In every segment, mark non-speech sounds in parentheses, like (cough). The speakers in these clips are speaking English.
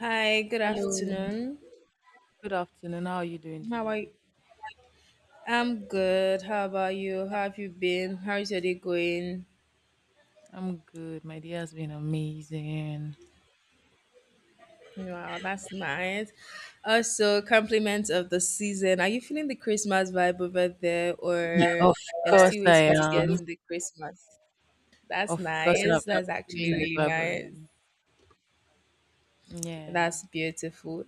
Hi, good Hello, afternoon. good afternoon. How are you doing How are you? today? I'm good. How about you? How have you been? How's your day going? I'm good. My day has been amazing. Wow, that's nice. Also, compliments of the season. Are you feeling the Christmas vibe over there, Yeah, or of you're course still I waiting to get am. to the Christmas? That's Of course I'm, nice. I'm That's feeling actually the really vibe nice. already. Yeah. That's beautiful.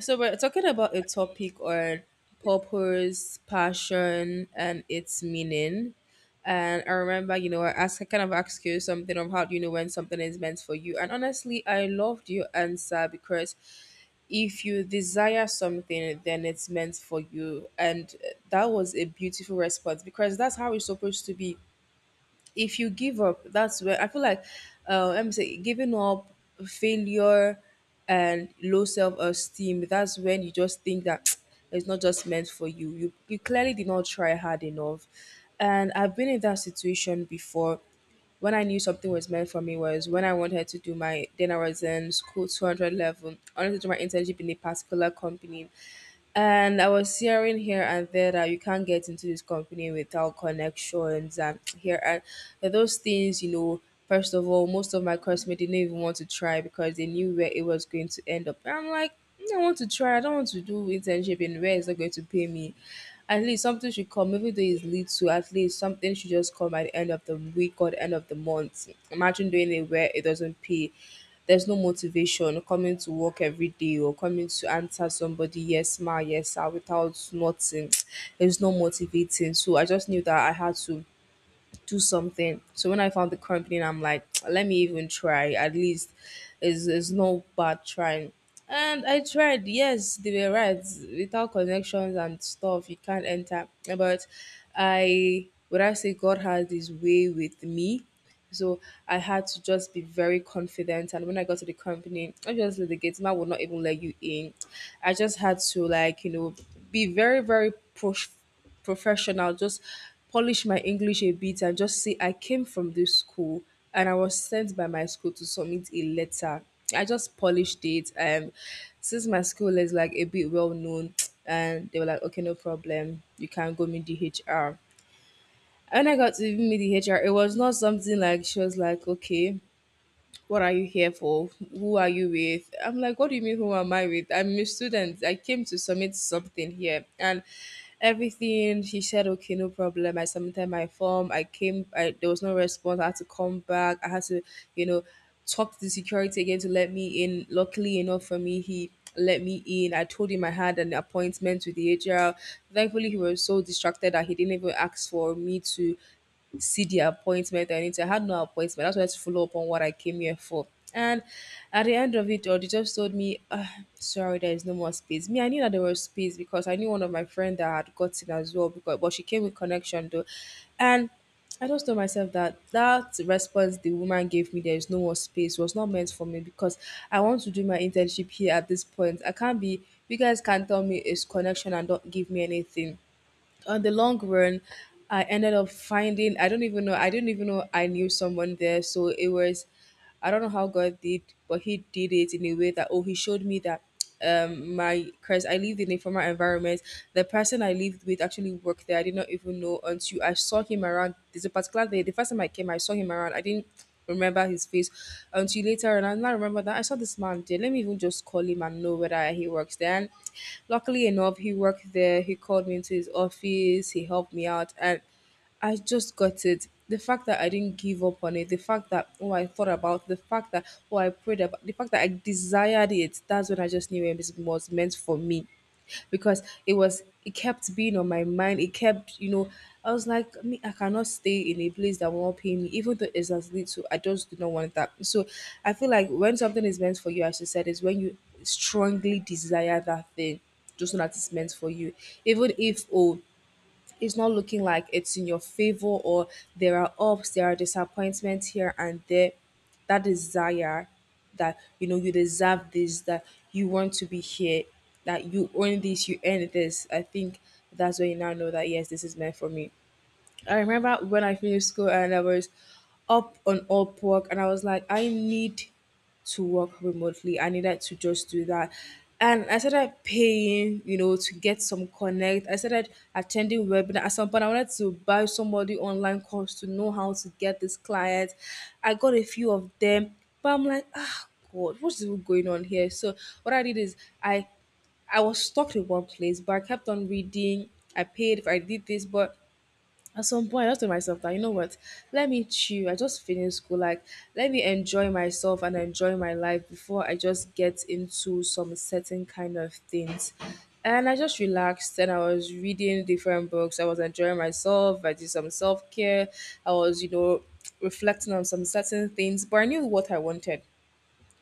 So we're talking about a topic on purpose, passion, and its meaning. And I remember, I asked, I kind of asked you something of how do you know when something is meant for you. And honestly, I loved your answer because if you desire something, then it's meant for you. And that was a beautiful response, because that's how it's supposed to be. If you give up, that's where I feel like, let me say, giving up, failure, and low self esteem, that's when you just think that (tsk) it's not just meant for you. You clearly did not try hard enough. And I've been in that situation before. When I knew something was meant for me was when I wanted to do my, then I was in school 200 level. I wanted to do my internship in a particular company, and I was hearing here and there that you can't get into this company without connections and (tsk) here and those things. First of all, most of my classmates didn't even want to try because they knew where it was going to end up. And I'm like, "Mm, I want to try. I don't want to do internship in where it's not going to pay me. At least something should come, even though it's to, at least something should just come at the end of the week or the end of the month. Imagine doing it where it doesn't pay. There's no motivation coming to work every day or coming to answer somebody, yes, ma, yes, sir, without nothing. (tsk) It's not motivating. So I just knew that I had to do something. So when I found the company, I'm like, (tsk) let me even try. At least it's no bad trying." And I tried, yes, they were right. Without connections and stuff, you can't enter. But I, would I say God had his way with me? So I had to just be very confident. And when I got to the company, obviously the gate man would not even let you in. I just had to, like, be very, very professional, just polish my English a bit and just say I came from this school and I was sent by my school to submit a letter. I just polished it. And since my school is like a bit well known, (tsk) and they were like, okay, no problem. You can go meet the HR. When I got to even meet the HR, it was not something. Like, she was like, okay, what are you here for? Who are you with? I'm like, what do you mean, who am I with? I'm a student. I came to submit something here. And everything, she said, okay, no problem. I submitted my form. I came, I, there was no response. I had to come back. I had to, you know, talk to the security again to let me in. Luckily enough for me, he let me in. I told him I had an appointment with the HR. Thankfully, he was so distracted that he didn't even ask for me to see the appointment or anything. I had no appointment. That's why I had to follow up on what I came here for. And at the end of it all, they just told me, sorry, there is no more space. Me, I knew that there was space because I knew one of my friend that had gotten as well, because but she came with connection though. And I just told myself that that response the woman gave me, there is no more space, was not meant for me because I want to do my internship here at this point. I can't be, you guys can't tell me it's connection and don't give me anything. On the long run, I ended up finding, I don't even know, I didn't even know I knew someone there. So it was, I don't know how God did, but He did it in a way that, oh, He showed me that my, because I lived in a former environment. The person I lived with actually worked there. I did not even know until I saw him around. There's a particular day, the first time I came, I saw him around. I didn't remember his face until later on. And I remember that I saw this man there. Let me even just call him and know whether he works there. And luckily enough, he worked there. He called me into his office. He helped me out. And I just got it. The fact that I didn't give up on it, the fact that oh I thought about, the fact that oh I prayed about, the fact that I desired it. That's when I just knew it was meant for me, because it was, it kept being on my mind. It kept, I was like, me, I cannot stay in a place that will not pay me even though it's as little. I just do not want that. So I feel like when something is meant for you, as you said, is when you strongly desire that thing, just so that it's meant for you, even if oh it's not looking like it's in your favor, or there are ups, there are disappointments here and there, that desire, that you know you deserve this, that you want to be here, that you earn this, you earn this. I think that's when you now know that yes, this is meant for me. I remember when I finished school and I was up on up work and I was like, I need to work remotely. I needed to just do that. And I started paying, to get some connect. I started attending webinar. At some point, I wanted to buy somebody online course to know how to get this client. I got a few of them, but I'm like, ah, God, what's even going on here? So what I did is, I was stuck in one place, but I kept on reading. I paid, I did this, but at some point, I just told myself that, you know what, let me chill. I just finished school. Like, let me enjoy myself and enjoy my life before I just get into some certain kind of things. And I just relaxed and I was reading different books. I was enjoying myself. I did some self care. I was, reflecting on some certain things, but I knew what I wanted.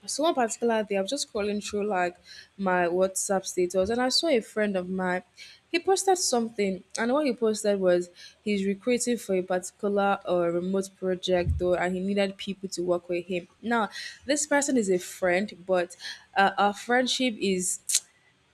So one particular day, I was just scrolling through like my WhatsApp status, and I saw a friend of mine. He posted something, and what he posted was he's recruiting for a particular remote project, though, and he needed people to work with him. Now, this person is a friend, but our friendship is,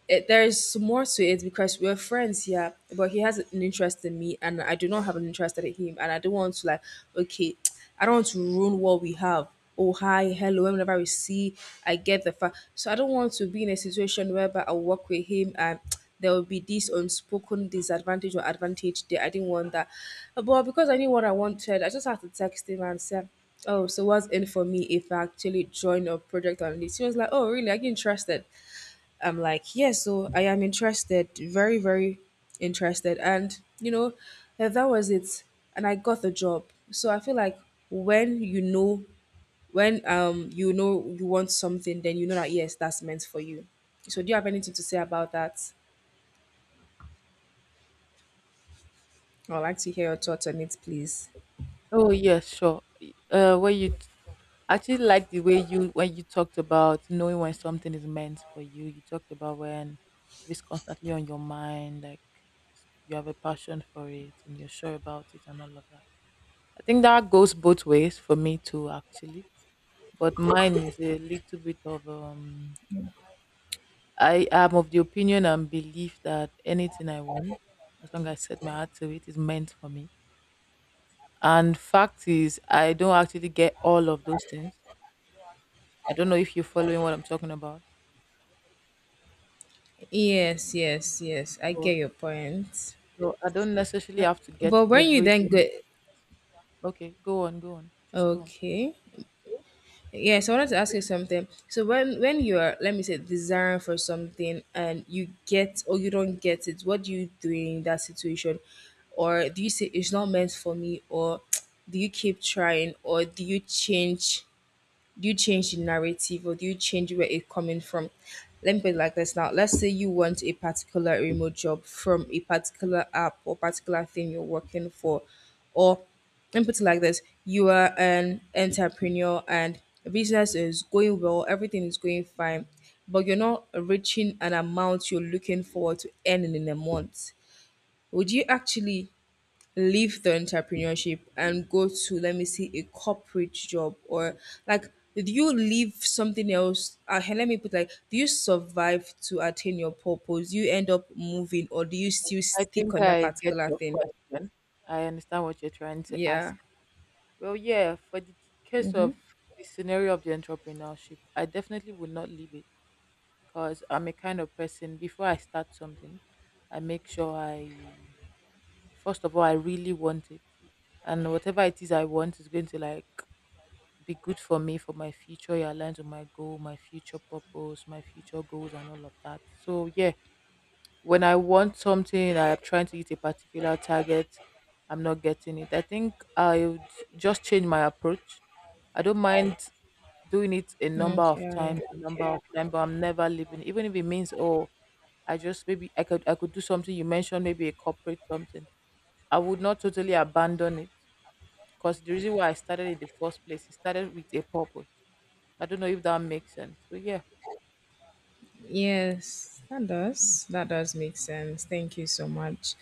it, there is more to it, because we're friends, yeah. But he has an interest in me, and I do not have an interest in him, and I don't want to, like, okay, I don't want to ruin what we have. Oh hi, hello. Whenever we see, I get the fact. So I don't want to be in a situation whereby I work with him and (tsk) there will be this unspoken disadvantage or advantage there. I didn't want that, but because I knew what I wanted, I just had to text him and say, "Oh, so what's in for me if I actually join your project on this?" He was like, "Oh really? Are you interested?" I'm like, yes, so I am interested, very, very interested. And, eh, that was it. And I got the job. So I feel like when you know, when you know you want something, then you know that yes, that's meant for you. So do you have anything to say about that? I'd like to hear your thoughts on it, please. Oh yeah, sure. Uh, where you t- I actually like the way you when you talked about knowing when something is meant for you. You talked about when it's constantly on your mind, like you have a passion for it and you're sure about it and all of that. I think that goes both ways for me too, actually, but mine is a little bit of I am of the opinion and belief that anything I want, as long as I set my heart to it, is meant for me. And fact is, I don't actually get all of those things. I don't know if you're following what I'm talking about. Yes, yes, yes. I But get your point. so I don't necessarily have to get But when you then everything. get, Okay, go on, go on, just go on. okay. Yes, I wanted to ask you something. So when you are, let me say, desiring for something and you get or you don't get it, what do you do in that situation? Or do you say it's not meant for me? Or (tsk) do you keep trying? Or do you change, do you change the narrative, or do you change where it's coming from? Let me put it like this now. Let's say you want a particular remote job from a particular app or particular thing you're working for, or let me put it like this: you are an entrepreneur and business is going well, everything is going fine, but you're not reaching an amount you're looking forward to earning in a month. Would you actually leave the entrepreneurship and go to, let me see, a corporate job? Or like, did you leave something else, hey, let me put like, do you survive to attain your purpose? Do you end up moving, or do you still I stick think on that I get particular your thing? question. I understand what you're trying to Yeah. ask. Well, yeah, for the case Mm-hmm. of the scenario of the entrepreneurship, I definitely would not leave it because I'm a kind of person, before I start something, I make sure I, first of all, I really want it, and whatever it is I want is going to like be good for me, for my future. It aligns with my goal, my future purpose, my future goals, and all of that. So yeah, when I want something, I'm trying to hit a particular target. I'm not getting it. I think I would just change my approach. I don't mind doing it a number of times, Okay. a number of times, but I'm never leaving. Even if it means, oh, I just, maybe I could, I could do something you mentioned, maybe a corporate something. I would not totally abandon it because the reason why I started in the first place, it started with a purpose. I don't know if that makes sense. So yeah. Yes, that does. That does make sense. Thank you so much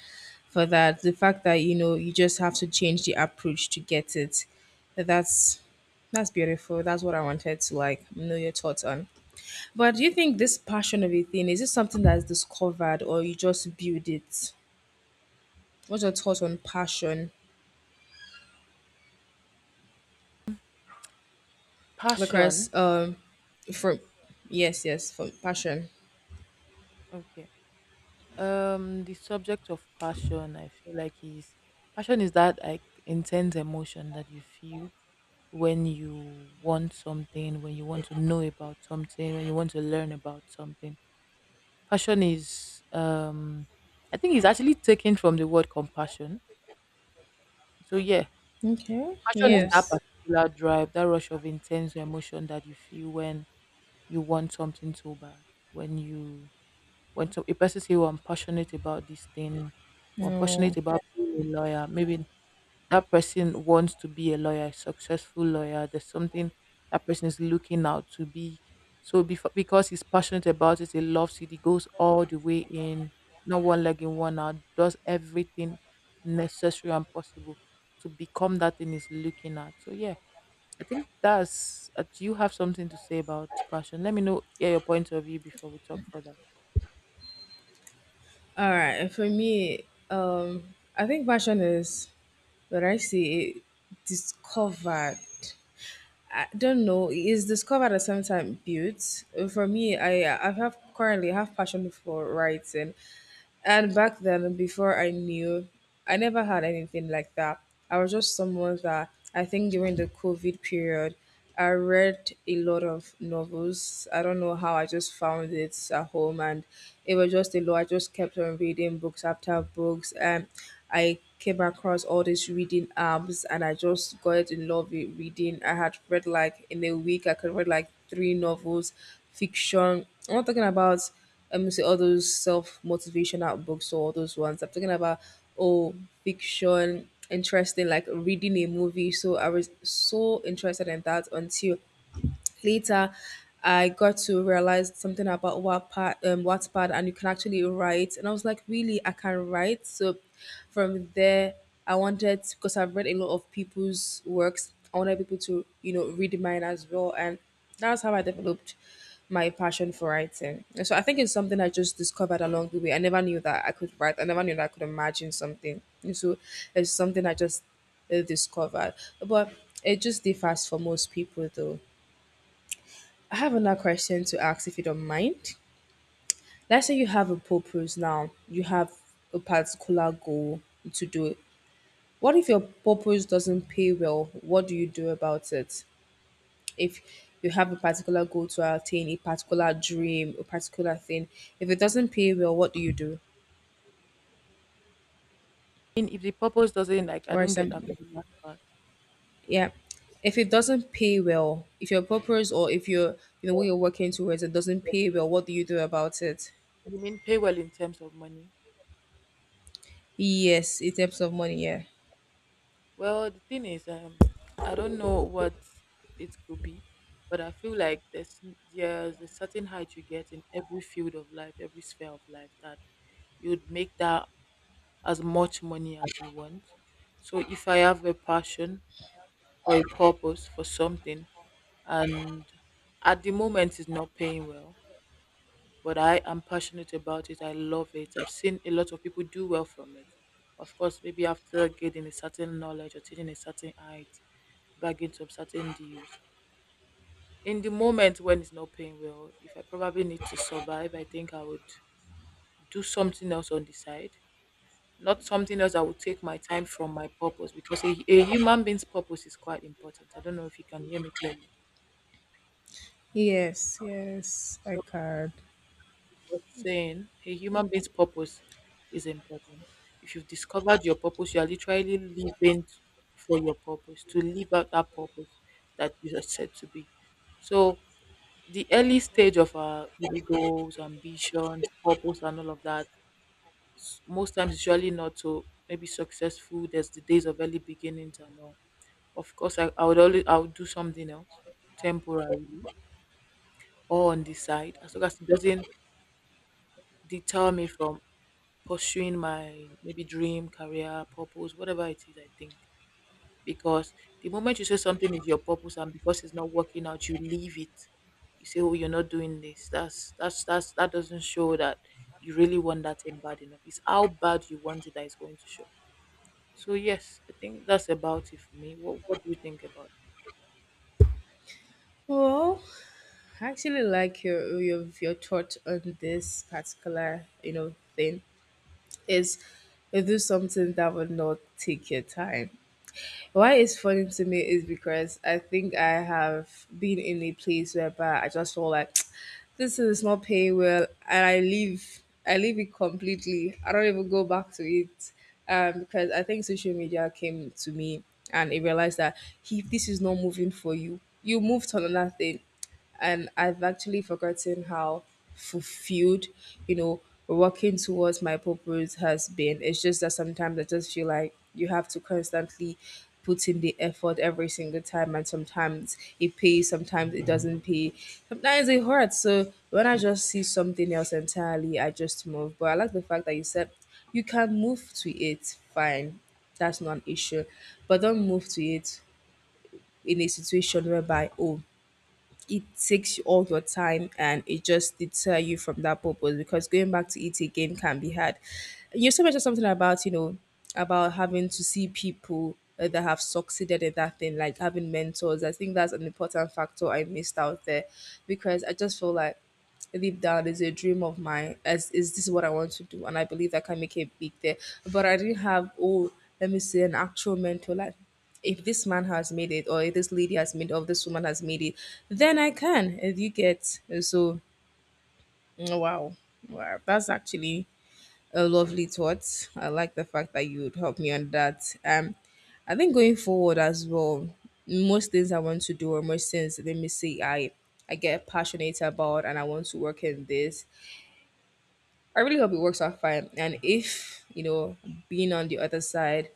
for that. The fact that you know you just have to change the approach to get it. That's that's beautiful. That's what I wanted to like know your thoughts on. But do you think this passion of a thing, is it something that's discovered or you just build it? What's your thoughts on passion? Passion. Because from, yes, yes, for passion. Okay. The subject of passion, I feel like, is passion is that like intense emotion that you feel when you want something, when you want to know about something, when you want to learn about something. Passion is I think it's actually taken from the word compassion. So yeah, Okay. passion is that Yes. particular drive, that rush of intense emotion that you feel when you want something so bad. When you, when so a person say, "Oh, I'm passionate about this thing. Or I'm No. passionate about being a lawyer." Maybe that person wants to be a lawyer, a successful lawyer. There's something that person is looking out to be. So before, because he's passionate about it, he loves it. He goes all the way in, not one leg in, one out. Does everything necessary and possible to become that thing he's looking at. So yeah, I think that's. Do you have something to say about passion? Let me know. Hear your point of view before we talk further. All right, for me, um, I think passion is what I see it, discovered. I don't know. It is discovered at some time, built. For me, I have currently have passion for writing. And back then, before I knew, I never had anything like that. I was just someone that, I think during the COVID period, I read a lot of novels. I don't know how, I just found it at home, and it was just a lot. I just kept on reading books after books, and I came across all these reading apps, and I just got in love with reading. I had read like in a week, I could read like three novels, fiction. I'm not talking about say all those self motivational books or all those ones. I'm talking about oh fiction, interesting, like reading a movie. So I was so interested in that until later I got to realize something about Wattpad, Wattpad, and you can actually write. And I was like, really, I can write. So from there, I wanted, because I've read a lot of people's works, I wanted people to, you know, read mine as well, and that's how I developed my passion for writing. And so I think it's something I just discovered along the way. I never knew that I could write. I never knew that I could imagine something. And so it's something I just discovered, but it just differs for most people, though. I have another question to ask if you don't mind. Let's say you have a purpose now, you have a particular goal to do it. What if your purpose doesn't pay well? What do you do about it? If you have a particular goal to attain, a particular dream, a particular thing, if it doesn't pay well, what do you do? I mean, if the purpose doesn't, like, I Or don't get that something. part. Yeah. If it doesn't pay well, if your purpose, or if you're, you know, what you're working towards, it doesn't pay well, what do you do about it? You mean pay well in terms of money? Yes, in terms of money, yeah. Well, the thing is, I don't know what it could be, but I feel like there's a certain height you get in every field of life, every sphere of life, that you'd make that as much money as you want. So if I have a passion or a purpose for something, and at the moment it's not paying well, but I am passionate about it. I love it. I've seen a lot of people do well from it. Of course, maybe after getting a certain knowledge, or taking a certain height, bagging some certain deals. In the moment when it's not paying well, if I probably need to survive, I think I would do something else on the side. Not something else that would take my time from my purpose, because a human being's purpose is quite important. I don't know if you can hear me clearly. Yes, yes, I So can. was saying a human being's purpose is important. If you've discovered your purpose, you are literally for your purpose, to live out that purpose that you are set to be. So the early stage of our maybe goals, ambitions, purpose, and all of that, most times it's usually not so maybe successful. There's the days of early beginnings and all. Of course I would always, I would do something else temporarily or on the side, as long as it doesn't deter me from pursuing my maybe dream, career, purpose, whatever it is, I think. Because the moment you say something is your purpose and, because it's not working out, you leave it. You say, "Oh, you're not doing this." That's that doesn't show that you really want that thing bad enough. It's how bad you want it that is going to show. So yes, I think that's about it for me. What do you think about it? Well, I actually like your thought on this particular, you know, thing. Is, you do something that would not take your time. Why it's funny to me is because I think I have been in a place whereby I just feel like (tsk) this is not paying well, and I leave. I leave it completely. I don't even go back to it, because I think social media came to me and it realized that if this is not moving for you, you move to another thing, and I've actually forgotten how fulfilled, you know, working towards my purpose has been. It's just that sometimes I just feel like you have to constantly put in the effort every single time, and sometimes it pays, sometimes it doesn't pay, sometimes it hurts. So when I just see something else entirely, I just move. But I like the fact that you said you can move to it, fine, that's not an issue, but don't move to it in a situation whereby it takes all your time and it just deter you from that purpose, because going back to it again can be hard. You also mentioned something about, you know, about having to see people, that have succeeded in that thing, like having mentors. I think that's an important factor I missed out there because I just feel like deep down is a dream of mine, as is, this is what I want to do and I believe I can make it big there, but I didn't have, let me say, an actual mentor. Like, if this man has made it, or if this lady has made it, or this woman has made it, then I can, if you get, so. Mm, wow. Wow, that's actually a lovely thought. I like the fact that you would help me on that. I think going forward as well, most things I want to do, or most things, let me say, I get passionate about and I want to work in this, I really hope it works out fine. And if, you know, being on the other side,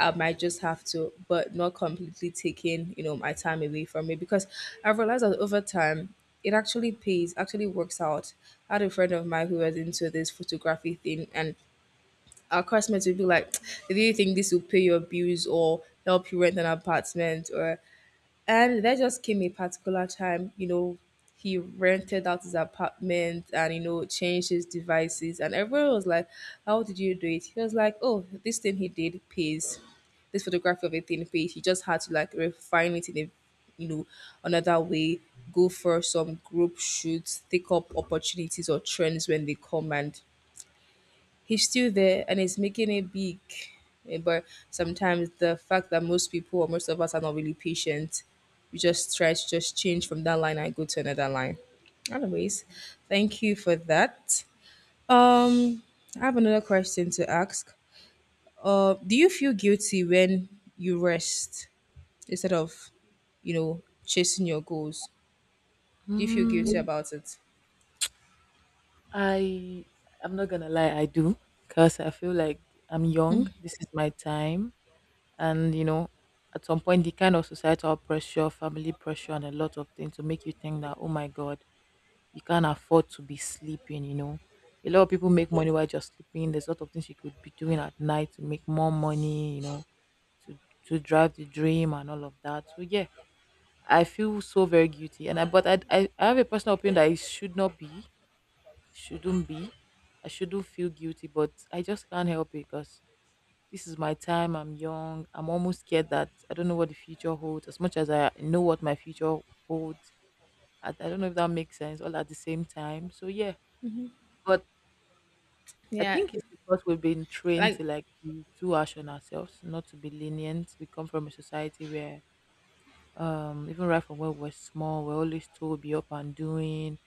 I might just have to, but not completely taking, you know, my time away from it, because I've realized that over time it actually pays, actually works out. I had a friend of mine who was into this photography thing, and our classmates would be like, (tsk) do you think this will pay your bills or help you rent an apartment or, and there just came a particular time, you know, he rented out his apartment and, you know, changed his devices. And everyone was like, how did you do it? He was like, oh, this thing he did pays. This photography of a thing pays. He just had to like refine it in a, you know, another way, go for some group shoots, take up opportunities or trends when they come, and he's still there and he's making it big. Eh, but sometimes the fact that most people, or most of us, are not really patient, we just try to just change from that line and go to another line. Anyways, thank you for that. Um, I have another question to ask. Do you feel guilty when you rest instead of, you know, chasing your goals? Do you feel guilty Mm, about it? I I'm not gonna lie, I do, cause I feel like I'm young. This is my time. And you know, at some point, the kind of societal pressure, family pressure, and a lot of things to make you think that, oh my god, you can't afford to be sleeping, you know, a lot of people make money while just sleeping. There's a lot of things you could be doing at night to make more money, you know, to to drive the dream and all of that. So yeah, I feel so very guilty and I but I have a personal opinion that it should not be, shouldn't be. I shouldn't feel guilty, but I just can't help it because this is my time. I'm young. I'm almost scared that I don't know what the future holds. As much as I know what my future holds, I don't know if that makes sense all at the same time. So, yeah. But I Yeah, think it's because we've been trained like, to like be too harsh on ourselves, not to be lenient. We come from a society where, even right from when we're small, we're always told be up and doing.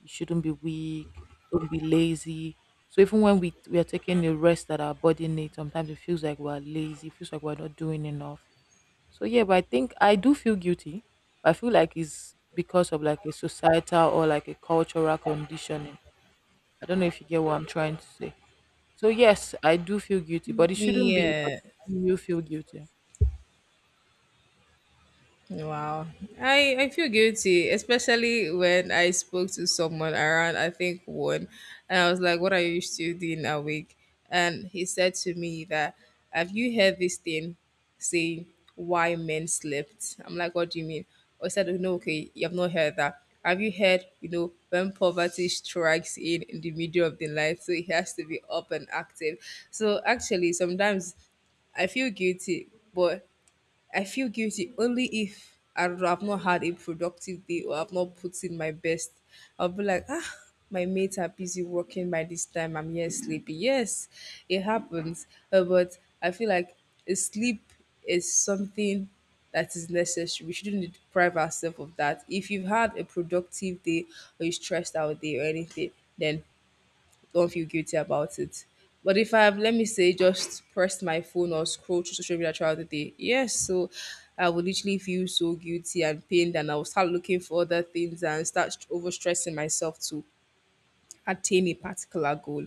You shouldn't be weak. Don't be lazy. So even when we are taking the rest that our body needs, sometimes it feels like we're lazy. It feels like we're not doing enough. So yeah, but I think I do feel guilty. I feel like it's because of like a societal or like a cultural conditioning. I don't know if you get what I'm trying to say. So yes, I do feel guilty, but it shouldn't be. But yeah. you feel guilty. Wow. I feel guilty, especially when I spoke to someone around, I think, one, and I was like, what are you still doing awake? And he said to me that, have you heard this thing saying why men slept? I'm like, what do you mean? Or he said, no, okay, you have not heard that. Have you heard, you know, when poverty strikes in the middle of the night, so it has to be up and active? So actually, sometimes I feel guilty, but I feel guilty only if, I don't know, I've not had a productive day or I've not put in my best. I'll be like, ah, my mates are busy working by this time. I'm here sleepy. Yes, it happens. But I feel like a sleep is something that is necessary. We shouldn't deprive ourselves of that. If you've had a productive day or you stressed out day or anything, then don't feel guilty about it. But if I have, let me say, just pressed my phone or scrolled through social media throughout the day, yes, so I would literally feel so guilty and pained, and I will start looking for other things and start overstressing myself to attain a particular goal.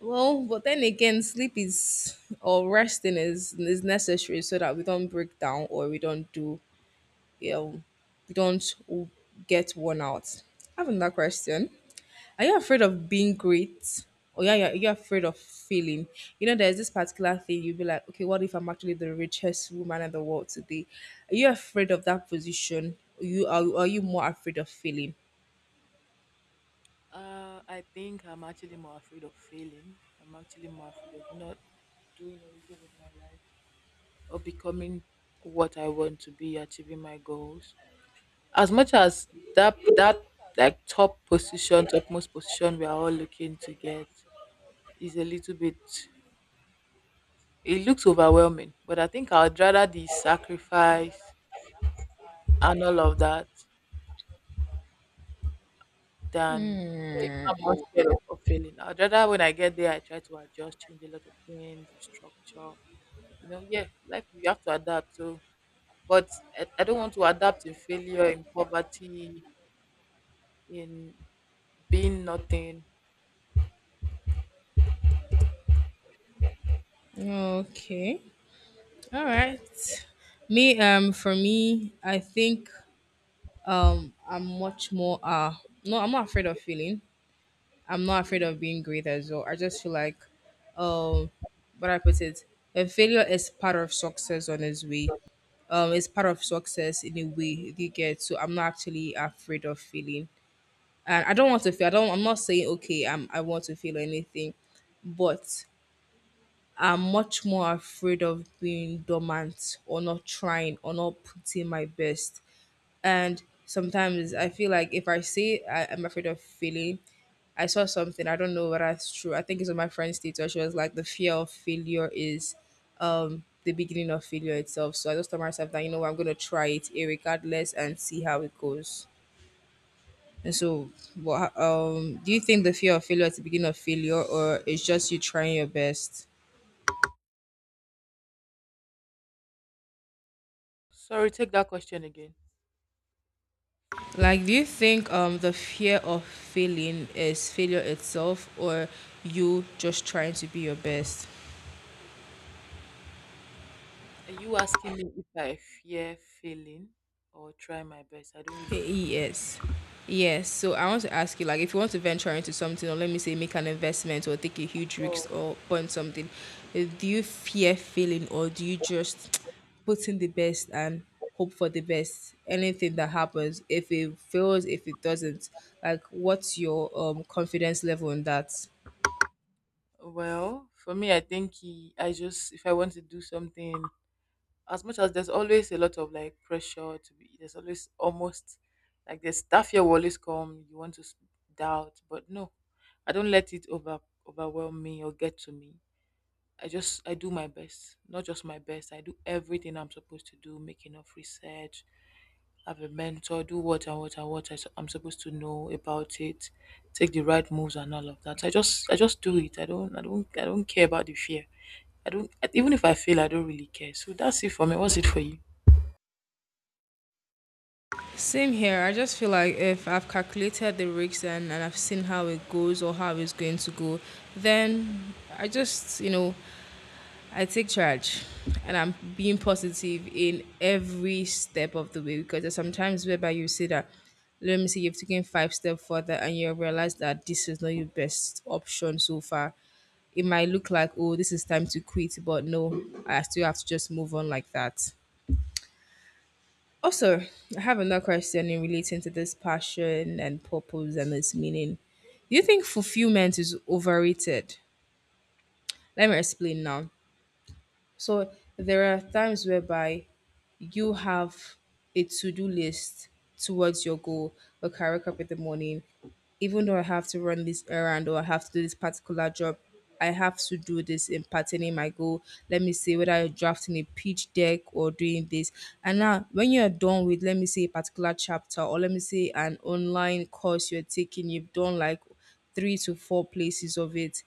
Well, but then again, sleep is, or resting is necessary so that we don't break down or we don't do, you know, we don't get worn out. Having that question. Are you afraid of being great? Or yeah, yeah, you're afraid of failing. You know, there's this particular thing, you'll be like, okay, what if I'm actually the richest woman in the world today? Are you afraid of that position? You are you more afraid of failing? I think I'm actually more afraid of failing. I'm actually more afraid of not doing anything with my life, or becoming what I want to be, achieving my goals. As much as that like top position, topmost position we are all looking to get, is a little bit, it looks overwhelming, but I think I would rather the sacrifice and all of that than, I'm more scared of failing. I'd rather when I get there, I try to adjust, change a lot of things, restructure, you know. Yeah, life, you have to adapt. So but I don't want to adapt in failure, in poverty, in being nothing. Okay. All right. Me, for me, I think I'm much more no, I'm not afraid of feeling. I'm not afraid of being great as well. I just feel like, um, but I put it, a failure is part of success on its way. It's part of success in a way, you get. So I'm not actually afraid of failing, and I don't want to fail. I don't. I'm not saying okay. I'm. I want to fail or anything, but I'm much more afraid of being dormant or not trying or not putting my best. And sometimes I feel like if I say I'm afraid of failing, I saw something. I don't know whether it's true. I think it's on my friend's status. She was like, the fear of failure is the beginning of failure itself. So I just told myself that, you know what, I'm gonna try it regardless and see how it goes. And so, what do you think, the fear of failure is the beginning of failure, or it's just you trying your best? Sorry, take that question again. Like, do you think the fear of failing is failure itself, or you just trying to be your best? Are you asking me if I fear failing or try my best? I don't really get. Yes. Yes. So I want to ask you, like, if you want to venture into something, or let me say, make an investment, or take a huge Oh. risk, or burn something, do you fear failing, or do you just (tsk) put in the best and hope for the best? Anything that happens, if it fails, if it doesn't, like, what's your confidence level in that? Well, for me, I think he, I just, if I want to do something, as much as there's always a lot of like pressure to be, there's always almost like the stuff here will always come, you want to doubt, but no, I don't let it overwhelm me or get to me. I do my best, not just my best. I do everything I'm supposed to do, make enough research, have a mentor, do what and what and what am supposed to know about it, take the right moves and all of that. I just do it. I don't, I don't care about the fear. I don't, even if I fail, I don't really care. So that's it for me. What's it for you? Same here. I just feel like if I've calculated the risks and I've seen how it goes or how it's going to go, then I just, you know, I take charge and I'm being positive in every step of the way, because there's sometimes whereby you see that, let me see, you've taken 5 steps further and you realize that this is not your best option so far. It might look like, oh, this is time to quit, but no, I still have to just move on like that. Also, I have another question in relating to this passion and purpose and its meaning. Do you think fulfillment is overrated? Let me explain now. So there are times whereby you have a to-do list towards your goal. Okay, I wake up in the morning, even though I have to run this errand or I have to do this particular job, I have to do this in patterning my goal. Let me see whether you're drafting a pitch deck or doing this. And now, when you're done with, let me say, a particular chapter or let me say, an online course you're taking, you've done like 3 to 4 places of it,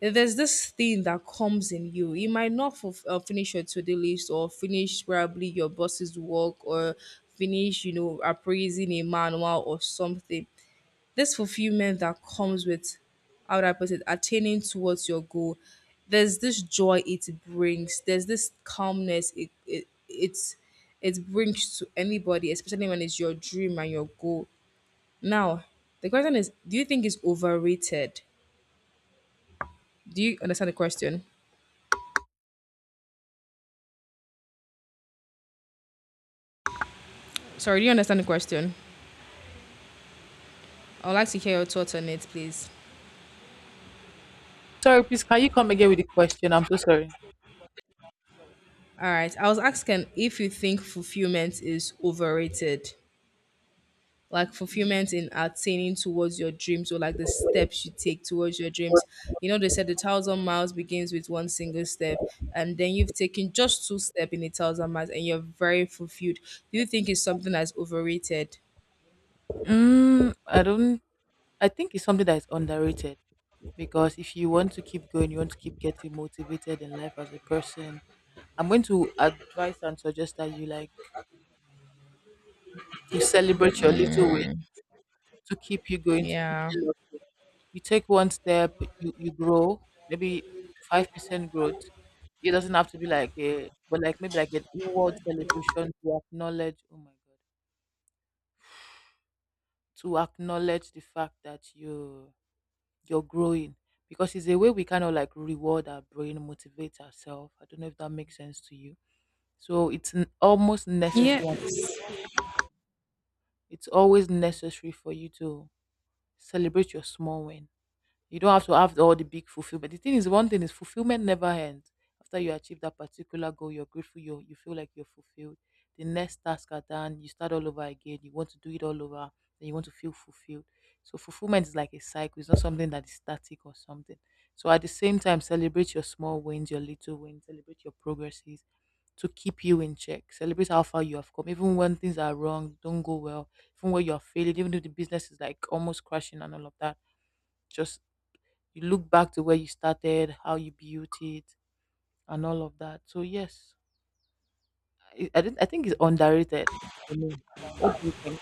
there's this thing that comes in you. You might not finish your to-do list or finish probably your boss's work or finish, you know, appraising a manual or something. This fulfillment that comes with, how would I put it, attaining towards your goal. There's this joy it brings. There's this calmness it it brings to anybody, especially when it's your dream and your goal. Now, the question is, do you think it's overrated? Do you understand the question? Sorry, do you understand the question? I would like to hear your thoughts on it, please. Sorry, please. Can you come again with the question? I'm so sorry. All right. I was asking if you think fulfillment is overrated, like fulfillment in attaining towards your dreams or like the steps you take towards your dreams. You know, they said the thousand miles begins with one single step, and then you've taken just two steps in a thousand miles and you're very fulfilled. Do you think it's something that's overrated? Mm, I don't. I think it's something that is underrated, because if you want to keep going, you want to keep getting motivated in life as a person, I'm going to advise and suggest that you like to celebrate your little wins to keep you going, to keep Yeah. you looking. You take one step, you grow, maybe 5% growth. It doesn't have to be like a, but like maybe like an inward celebration to acknowledge. Oh my God, to acknowledge the fact that you're growing, because it's a way we kind of like reward our brain, motivate ourselves. I don't know if that makes sense to you. So it's almost necessary. Yes. It's always necessary for you to celebrate your small win. You don't have to have all the big fulfillment. The thing is, one thing is fulfillment never ends. After you achieve that particular goal, you're grateful, you feel like you're fulfilled. The next task at hand, you start all over again. You want to do it all over, then you want to feel fulfilled. So fulfillment is like a cycle. It's not something that is static or something. So at the same time, celebrate your small wins, your little wins, celebrate your progresses to keep you in check. Celebrate how far you have come, even when things are wrong, don't go well, even when you're failing, even if the business is like almost crashing and all of that. Just you look back to where you started, how you built it, and all of that. So yes, I, didn't, I think it's underrated for me. What do you think?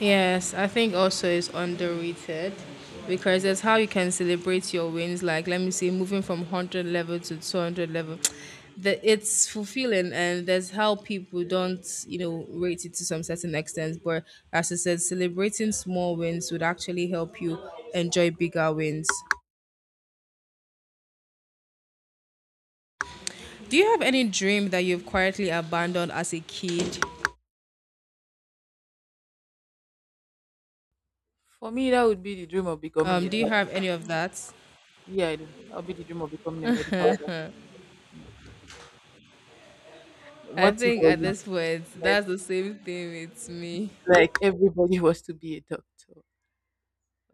Yes, I think also it's underrated, because that's how you can celebrate your wins. Like, let me see, moving from 100 level to 200 level, (tsk) that it's fulfilling, and that's how people don't, you know, rate it to some certain extent. But as I said, celebrating small wins would actually help you enjoy bigger wins. Do you have any dream that you've quietly abandoned as a kid? For me, that would be the dream of becoming a Do you have any of that? yeah, I do. That would be the dream of becoming a medical doctor. Yeah. I What if think for at you, this point, that's the same thing with me. like everybody (laughs) was to be a doctor?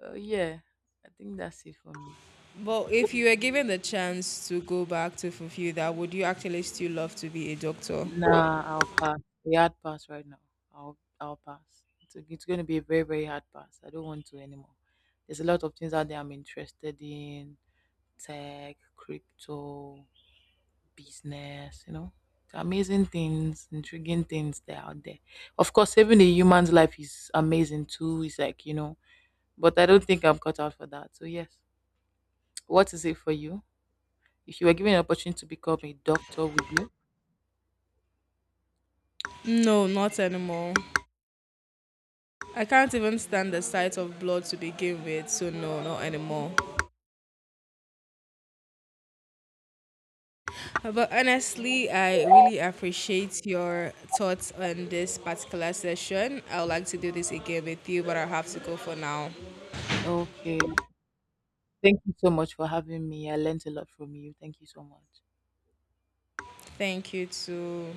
Yeah, I think that's it for me. But if you were given the chance to go back to fulfill that, would you actually still love to be a doctor? Nah, I'll pass. A hard pass right now. I'll pass. It's going to be a very very hard pass. I don't want to anymore. There's a lot of things out there I'm interested in: tech, crypto, business. You know, amazing things, intriguing things that are out there. Of course, saving a human's life is amazing too. It's like, you know, but I don't think I'm cut out for that. So yes, what is it for you? If you were given an opportunity to become a doctor, would you? No, not anymore. I can't even stand the sight of blood to begin with, so no, not anymore. But honestly, I really appreciate your thoughts on this particular session. I would like to do this again with you, but I have to go for now. Okay. Thank you so much for having me. I learned a lot from you. Thank you so much. Thank you too.